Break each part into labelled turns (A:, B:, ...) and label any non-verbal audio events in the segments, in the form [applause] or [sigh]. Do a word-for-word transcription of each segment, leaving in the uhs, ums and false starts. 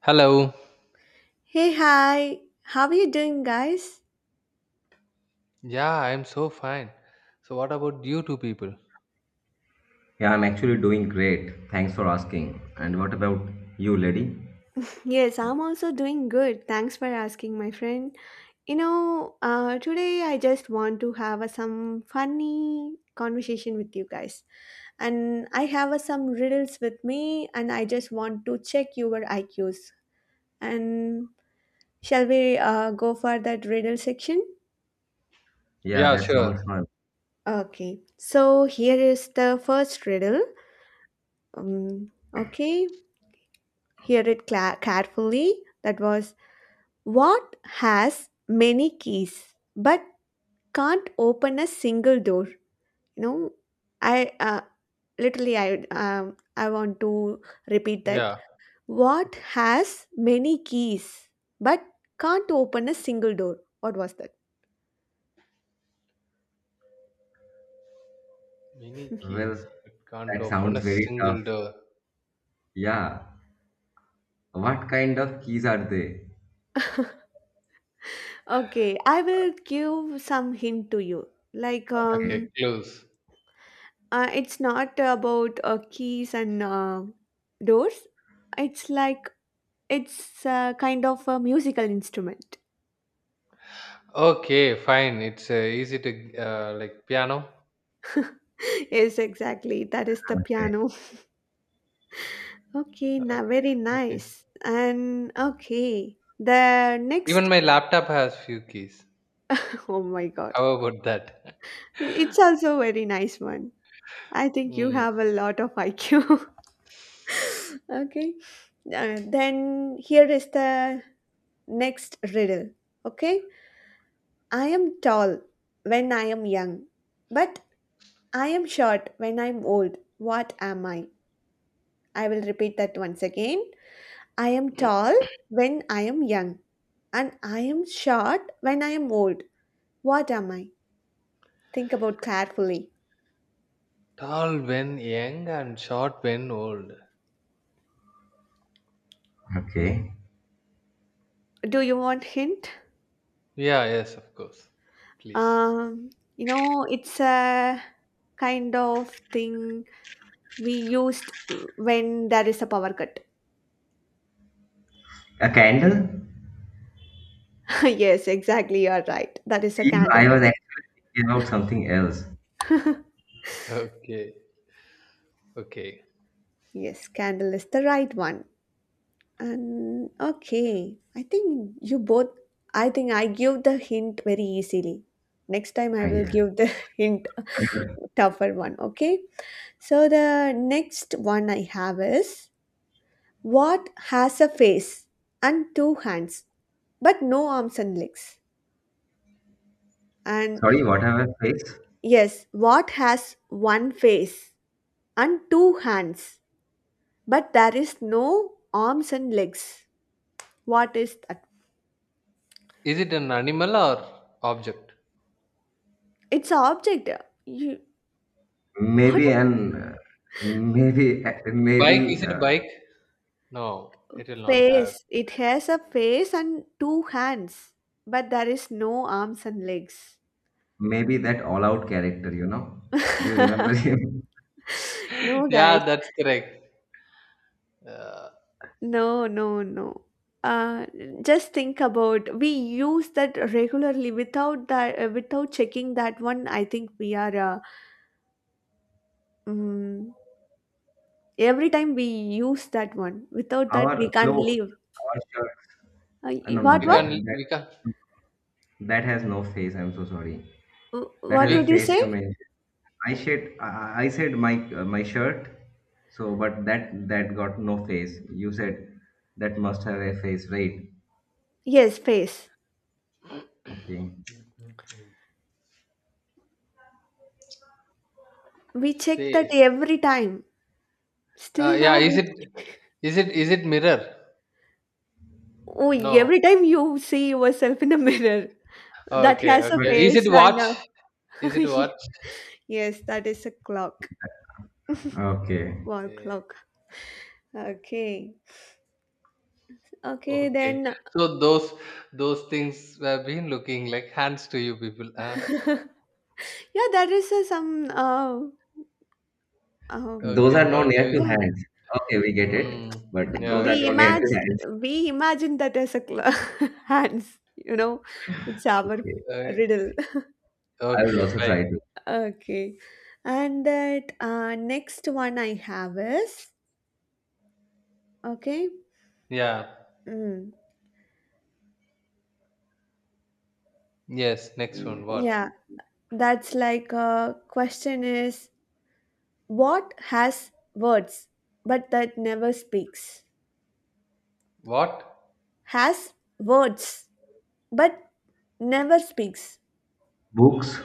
A: Hello.
B: Hey, hi. How are you doing, guys?
A: Yeah, I'm so fine. So, what about you two people?
C: Yeah, I'm actually doing great. Thanks for asking. And what about you, lady?
B: Yes, I'm also doing good. Thanks for asking, my friend. You know, uh, today I just want to have a, some funny conversation with you guys. And I have a, some riddles with me, and I just want to check your I Qs. And shall we uh, go for that riddle section?
C: Yeah,
A: Yeah,
C: that
A: sure.
C: sounds fun.
B: Okay. So here is the first riddle. Um, okay. Hear it cla- carefully. That was What has many keys but can't open a single door? You know, I uh, literally I um, I want to repeat that.
A: Yeah.
B: What has many keys but can't open a single door? What was that?
A: Many
C: Well,
A: keys, but can't
C: that
A: open
C: sounds
A: a
C: very tough.
A: single door.
C: Yeah. What kind of keys are they?
B: [laughs] Okay, I will give some hint to you. Like,
A: Okay,
C: Okay.
B: um,
A: close.
B: uh, it's not about uh, keys and uh, doors. It's like it's uh, kind of a musical instrument.
A: Okay, fine. It's uh, easy to uh, like piano.
B: [laughs] Yes, exactly. That is the
C: Okay.
B: piano. Okay, now
A: Okay,
B: very
A: okay.
B: nice. And okay, the
A: Even
B: next.
A: my laptop has few keys.
B: [laughs] Oh my God,
A: How about that? [laughs]
B: it's also very nice one. I think you
A: Hmm.
B: have a lot of I Q. [laughs] okay, Uh, then here is the next riddle. Okay, I am tall when I am young, but I am short when I'm old. What am I? I will repeat that once again. I am tall when I am young, and I am short when I am old. What am I? Think about carefully.
A: Tall when young and short when old.
C: Okay.
B: Do you want hint?
A: Yeah, yes, of course. Please.
B: Um, you know, it's a kind of thing we used when there is a power cut.
C: A candle?
B: [laughs] yes, exactly. You are right. That is a
C: Yeah,
B: candle.
C: I was actually thinking about something else.
B: [laughs]
A: Okay, okay.
B: Yes, candle is the right one. And okay, I think you both. I think I give the hint very easily. Next time I
C: Uh,
B: will
C: Yeah.
B: give the [laughs] hint
C: [coughs]
B: tougher one. Okay, so the next one I have is, what has a face and two hands but no arms and legs?
C: [laughs]
B: And
C: Sorry, what have I faced?
B: Yes, what has one face and two hands but there is no arms and legs? What is that?
A: Is it an animal or object?
B: It's an object. You what a
C: Maybe an, uh, maybe, [laughs] uh,
A: Bike
C: maybe,
A: isn't a
C: uh,
A: bike. No, it will not have.
B: face It has a face and two hands but there is no arms and legs.
C: maybe that all-out character. You know? Do you
B: [laughs]
C: remember him?
A: [laughs]
B: No guys.
A: Yeah, that's correct. Uh,
B: No, no, no. Uh, just think about, we use that regularly without that uh, without checking that one. I think we are uh, mm, every time we use that one. Without
C: [laughs]
B: that, we
C: Our
B: can't
C: clothes,
B: live.
C: our shirt.
B: Uh,
C: Uh,
B: y-
C: No, no,
B: what
A: we
C: that
B: what
A: can
C: that
A: we can
C: that has no face. I'm so sorry.
B: Wh-
C: That
B: what
C: has a
B: did
A: we
B: you
C: face
B: say?
C: you mentioned. I said I, I said my uh, my shirt. So, but that that got no face. You said that must have a face, right?
B: Yes, face.
A: [clears throat]
C: Okay,
B: We check that
A: face.
B: every time.
A: Uh,
B: Still
A: yeah,
B: now
A: is
B: we
A: it is it is it mirror?
B: Oh,
A: No.
B: every time you see yourself in the [laughs] mirror, that
A: Okay,
B: has a
C: but
A: okay. Is
B: face
A: it
B: and
A: watch?
B: uh, [laughs]
A: Is it watch?
B: yes, that is a clock,
C: okay,
B: wall
A: Okay. [laughs]
B: clock. Okay. Okay,
A: Okay.
B: then
A: So those those things have been looking like hands to you people. Huh?
B: [laughs] yeah, there is uh, some uh, uh,
C: those
A: Okay.
C: are no
A: Okay.
C: near
A: We,
C: to
B: yeah,
C: hands. Okay, we get it.
A: mm,
C: But
A: yeah.
C: those are
B: we
C: no
A: Okay.
C: near to
B: imagine
C: hands.
B: we imagine that as a cl- [laughs] hands, you know, it's our
C: Okay,
A: Uh,
B: riddle.
C: I will
A: okay.
C: also try
A: Fine.
C: to.
B: [laughs] Okay, and that uh, next one I have is, okay,
A: Yeah.
B: mm,
A: Yes. Next one. What?
B: yeah, that's like a question is, what has words but that never speaks,
A: What?
B: has words but never speaks.
C: Books.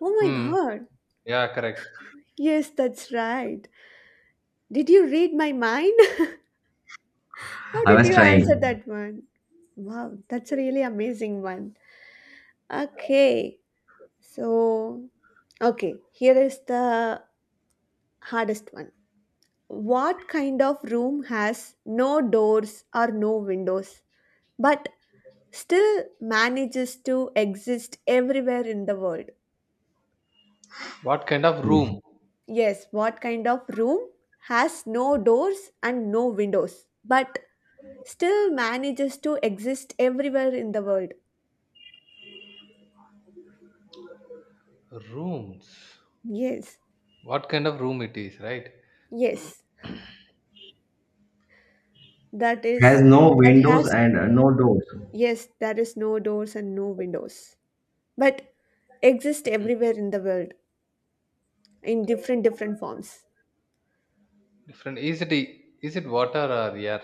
B: Oh my
A: Hmm.
B: god.
A: Yeah, correct.
B: Yes, that's right. Did you read my mind? [laughs] How
C: I
B: did
C: was
B: you answer
C: trying.
B: that one? Wow, that's a really amazing one. Okay. So, okay, here is the hardest one. What kind of room has no doors or no windows but still manages to exist everywhere in the world?
A: What kind of
C: Hmm.
A: room?
B: Yes, what kind of room has no doors and no windows but still manages to exist everywhere in the world.
A: Rooms.
B: Yes,
A: What kind of room it is, right?
B: yes, that
C: Has
B: is,
C: no
B: that
C: windows
B: has,
C: and uh, no doors.
B: Yes, there is no doors and no windows, but exist
A: Mhm.
B: everywhere in the world in different, different forms.
A: Different. Is it is it water or air?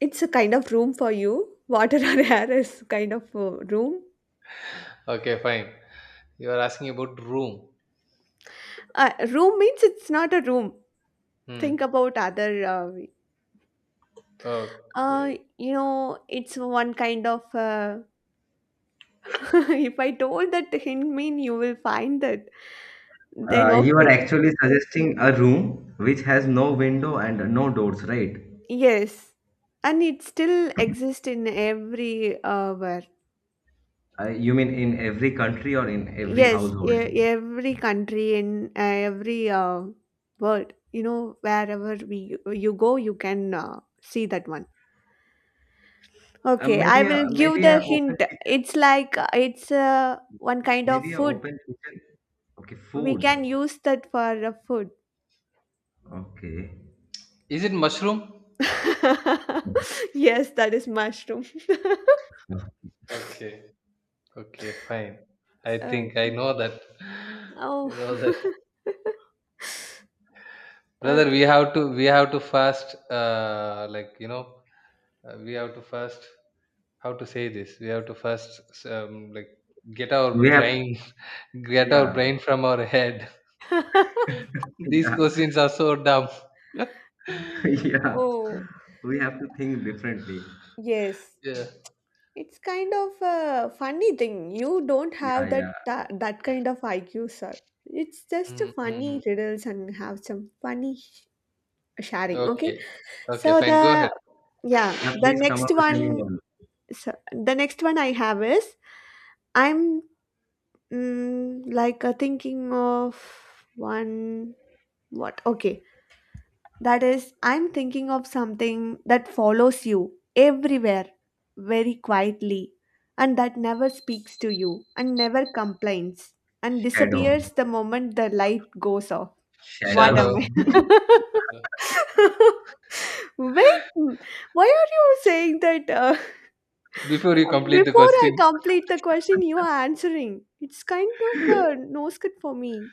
B: It's a kind of room for you. Water or [laughs] air is kind of a room.
A: Okay, fine. You are asking about room.
B: Uh, room means, it's not a room. Think
A: Hmm.
B: about other. Uh, way. uh,
A: Okay.
B: you know, it's one kind of. Uh, [laughs] if I told that hint mean, you will find that. Then
C: Uh, you are
B: okay.
C: actually suggesting a room which has no window and no doors, right?
B: Yes, and it still exists in every uh, where.
C: Uh, you mean in every country or in every
B: Yes, e-
C: household?
B: every country in uh, every uh, world. You know, wherever we you go, you can uh, see that one.
C: Uh,
B: Okay, I
C: maybe
B: will
C: a
B: give
C: maybe a
B: the
C: open
B: hint.
C: kitchen,
B: It's like uh, it's uh, one kind of
C: maybe a
B: food.
C: open kitchen. Okay,
B: We
C: food.
B: can use that for uh, food.
C: Okay,
A: Is it mushroom?
B: [laughs] Yes, that is mushroom. [laughs]
A: Okay. Okay, fine. I think I
B: Okay.
A: know that. [laughs]
B: Oh,
A: You know that,
B: [laughs]
A: brother. We
B: okay.
A: have to we have to first, uh, like you know, uh, we have to first how to say this we have to first um, like get
C: we
A: our
C: have
A: brain [laughs] get our
C: yeah
A: brain from our head.
B: [laughs]
C: [laughs]
A: [laughs] These
C: yeah
A: questions are so dumb.
C: [laughs] yeah.
A: [laughs]
B: Oh,
C: We have to think differently.
B: yes.
A: Yeah.
B: It's kind of a funny thing. You don't
C: Yeah,
B: have that
C: yeah,
B: that, that kind of I Q, sir. It's just a
A: Mm-hmm.
B: funny riddles and have some funny sh- sharing.
A: Okay,
B: Okay,
A: okay,
B: so
A: fine, go ahead.
B: the yeah,
C: yeah.
B: the
C: Please come
B: next
C: up with a new
B: one
C: one.
B: so the next one I have is, I'm mm, like uh, thinking of one what okay that is, I'm thinking of something that follows you everywhere very quietly and that never speaks to you and never complains and
C: Shadow
B: disappears the moment the light goes off. What
C: shadow.
B: am
C: [laughs]
A: Shadow
B: I? [laughs] Wait, m- why are you saying that? Uh,
A: before you
B: [laughs]
A: complete the
B: before I
A: question.
B: complete the question, you are answering. It's kind of a nose cut for me.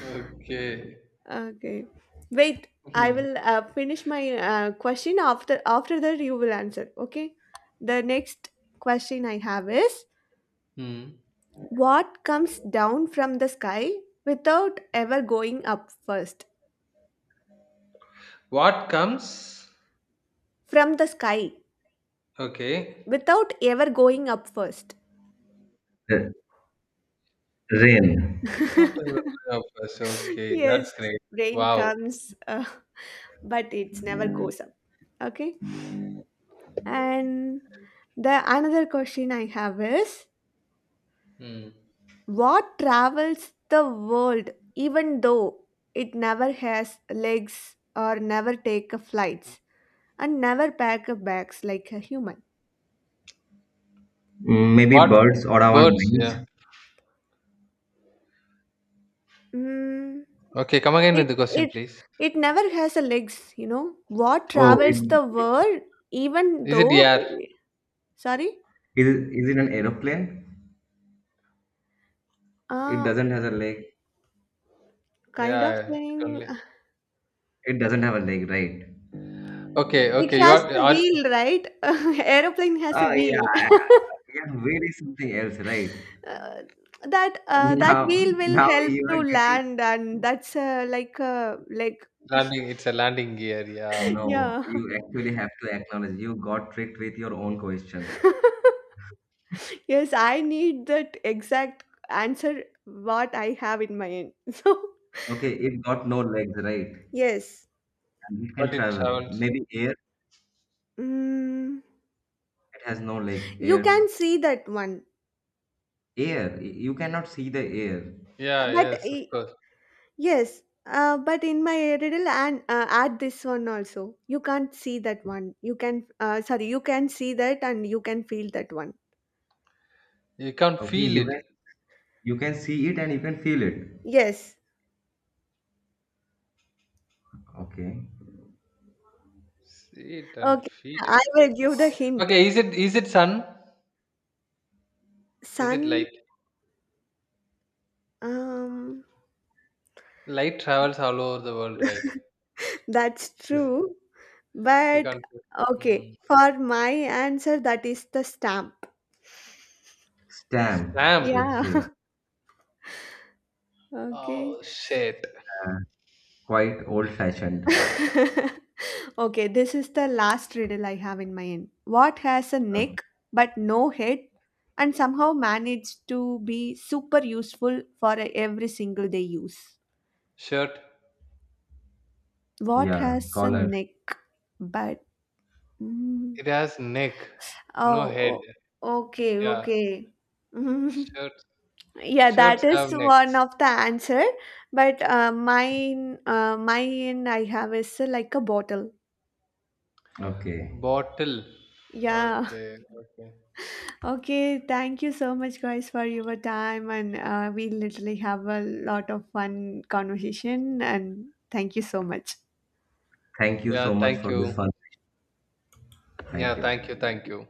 A: Okay.
B: Okay. Wait, I
A: Hmm.
B: will uh, finish my uh, question after after that you will answer. Okay. The next question I have is,
A: Hmm.
B: what comes down from the sky without ever going up first?
A: What comes
B: From the sky
A: okay
B: without ever going up first.
C: Uh, Rain.
A: out
B: [laughs]
A: of us. Okay, that's
B: yes,
A: great.
B: rain
A: Wow.
B: comes uh, but it never goes up. Okay. And the another question I have is,
A: Hmm.
B: what travels the world even though it never has legs or never take a flights and never pack a bags like a human?
C: Mm, Maybe
A: What?
C: birds or our
A: Birds,
C: minds.
A: yeah.
B: Mm,
A: Okay, come again with
B: it
A: the question
B: it
A: please.
B: it never has a legs, you know. What
C: Oh, it
B: travels the world even
A: Is it,
B: though
A: yeah.
B: sorry?
C: Is it is it an aeroplane? It
B: Uh
C: doesn't have a leg.
B: Kind of
A: Yeah, yeah, it
B: thing.
A: only.
C: It doesn't have a leg, right?
A: Okay,
B: It
A: okay. You
B: has
A: are
B: a
A: are
B: wheel, right? [laughs] Aeroplane has a
C: Oh yeah,
B: wheel. [laughs]
C: yeah. Wheel is something else, right?
B: uh, that uh, that
C: Now,
B: wheel will
C: Now
B: help
C: you are
B: to
C: getting
B: land and that's uh, like uh, like
A: landing. It's a landing gear. Yeah,
B: [laughs]
C: no.
B: yeah
C: You actually have to acknowledge you got tricked with your own question.
B: [laughs] yes, I need that exact answer what I have in my end. [laughs] So
C: Okay, it got no legs, right?
B: yes,
C: And it can
A: but it
C: travel.
A: sounds.
C: Maybe air.
B: mm,
C: It has no leg.
B: you can
C: Air.
B: see that one,
C: Air. y- You cannot see the air.
A: Yeah,
B: but
A: yes, of
B: i-
A: course.
B: yes uh, but in my riddle and uh, add this one also, you can't see that one, you can uh, sorry, you can see that and you can feel that one.
A: You can't
C: Okay,
A: feel
C: you can
A: it.
C: you can see it and you can feel it.
B: Yes.
C: Okay.
A: See it and
B: Okay,
A: feel
B: I
A: it.
B: will give the hint.
A: Okay, is it is it sun? Is it
B: Sun,
A: light?
B: um,
A: Light travels all over the world, right?
B: [laughs] that's
A: Yes.
B: true.
A: We
B: But
A: can't. Hmm.
B: okay, for my answer, that is the stamp.
C: Stamp.
A: Stamp.
B: Yeah,
C: Okay.
B: [laughs] okay.
A: Oh shit.
C: Uh, quite old-fashioned.
B: [laughs] Okay, this is the last riddle I have in my end. What has a
C: Uh,
B: neck but no head and somehow managed to be super useful for every single day use?
A: Shirt.
B: What
C: Yeah,
B: has a
C: caller.
B: neck but. mm,
A: It has neck, no
B: Oh,
A: head.
B: o- okay,
A: Yeah.
B: okay. [laughs]
A: Shirts.
B: Yeah, that
A: Shirts
B: is
A: have
B: one
A: necks.
B: of the answer. But uh, mine, uh, mine I have is uh, like a bottle.
C: Okay.
A: Bottle.
B: Yeah. [laughs]
A: Okay. Okay.
B: Okay. Thank you so much, guys, for your time, and uh, we literally have a lot of fun conversation. And thank you so much.
C: Thank you
A: Yeah.
C: so much
A: Thank
C: for this
A: you.
C: fun.
A: Yeah,
C: Thank
A: thank you,
C: you.
A: thank you.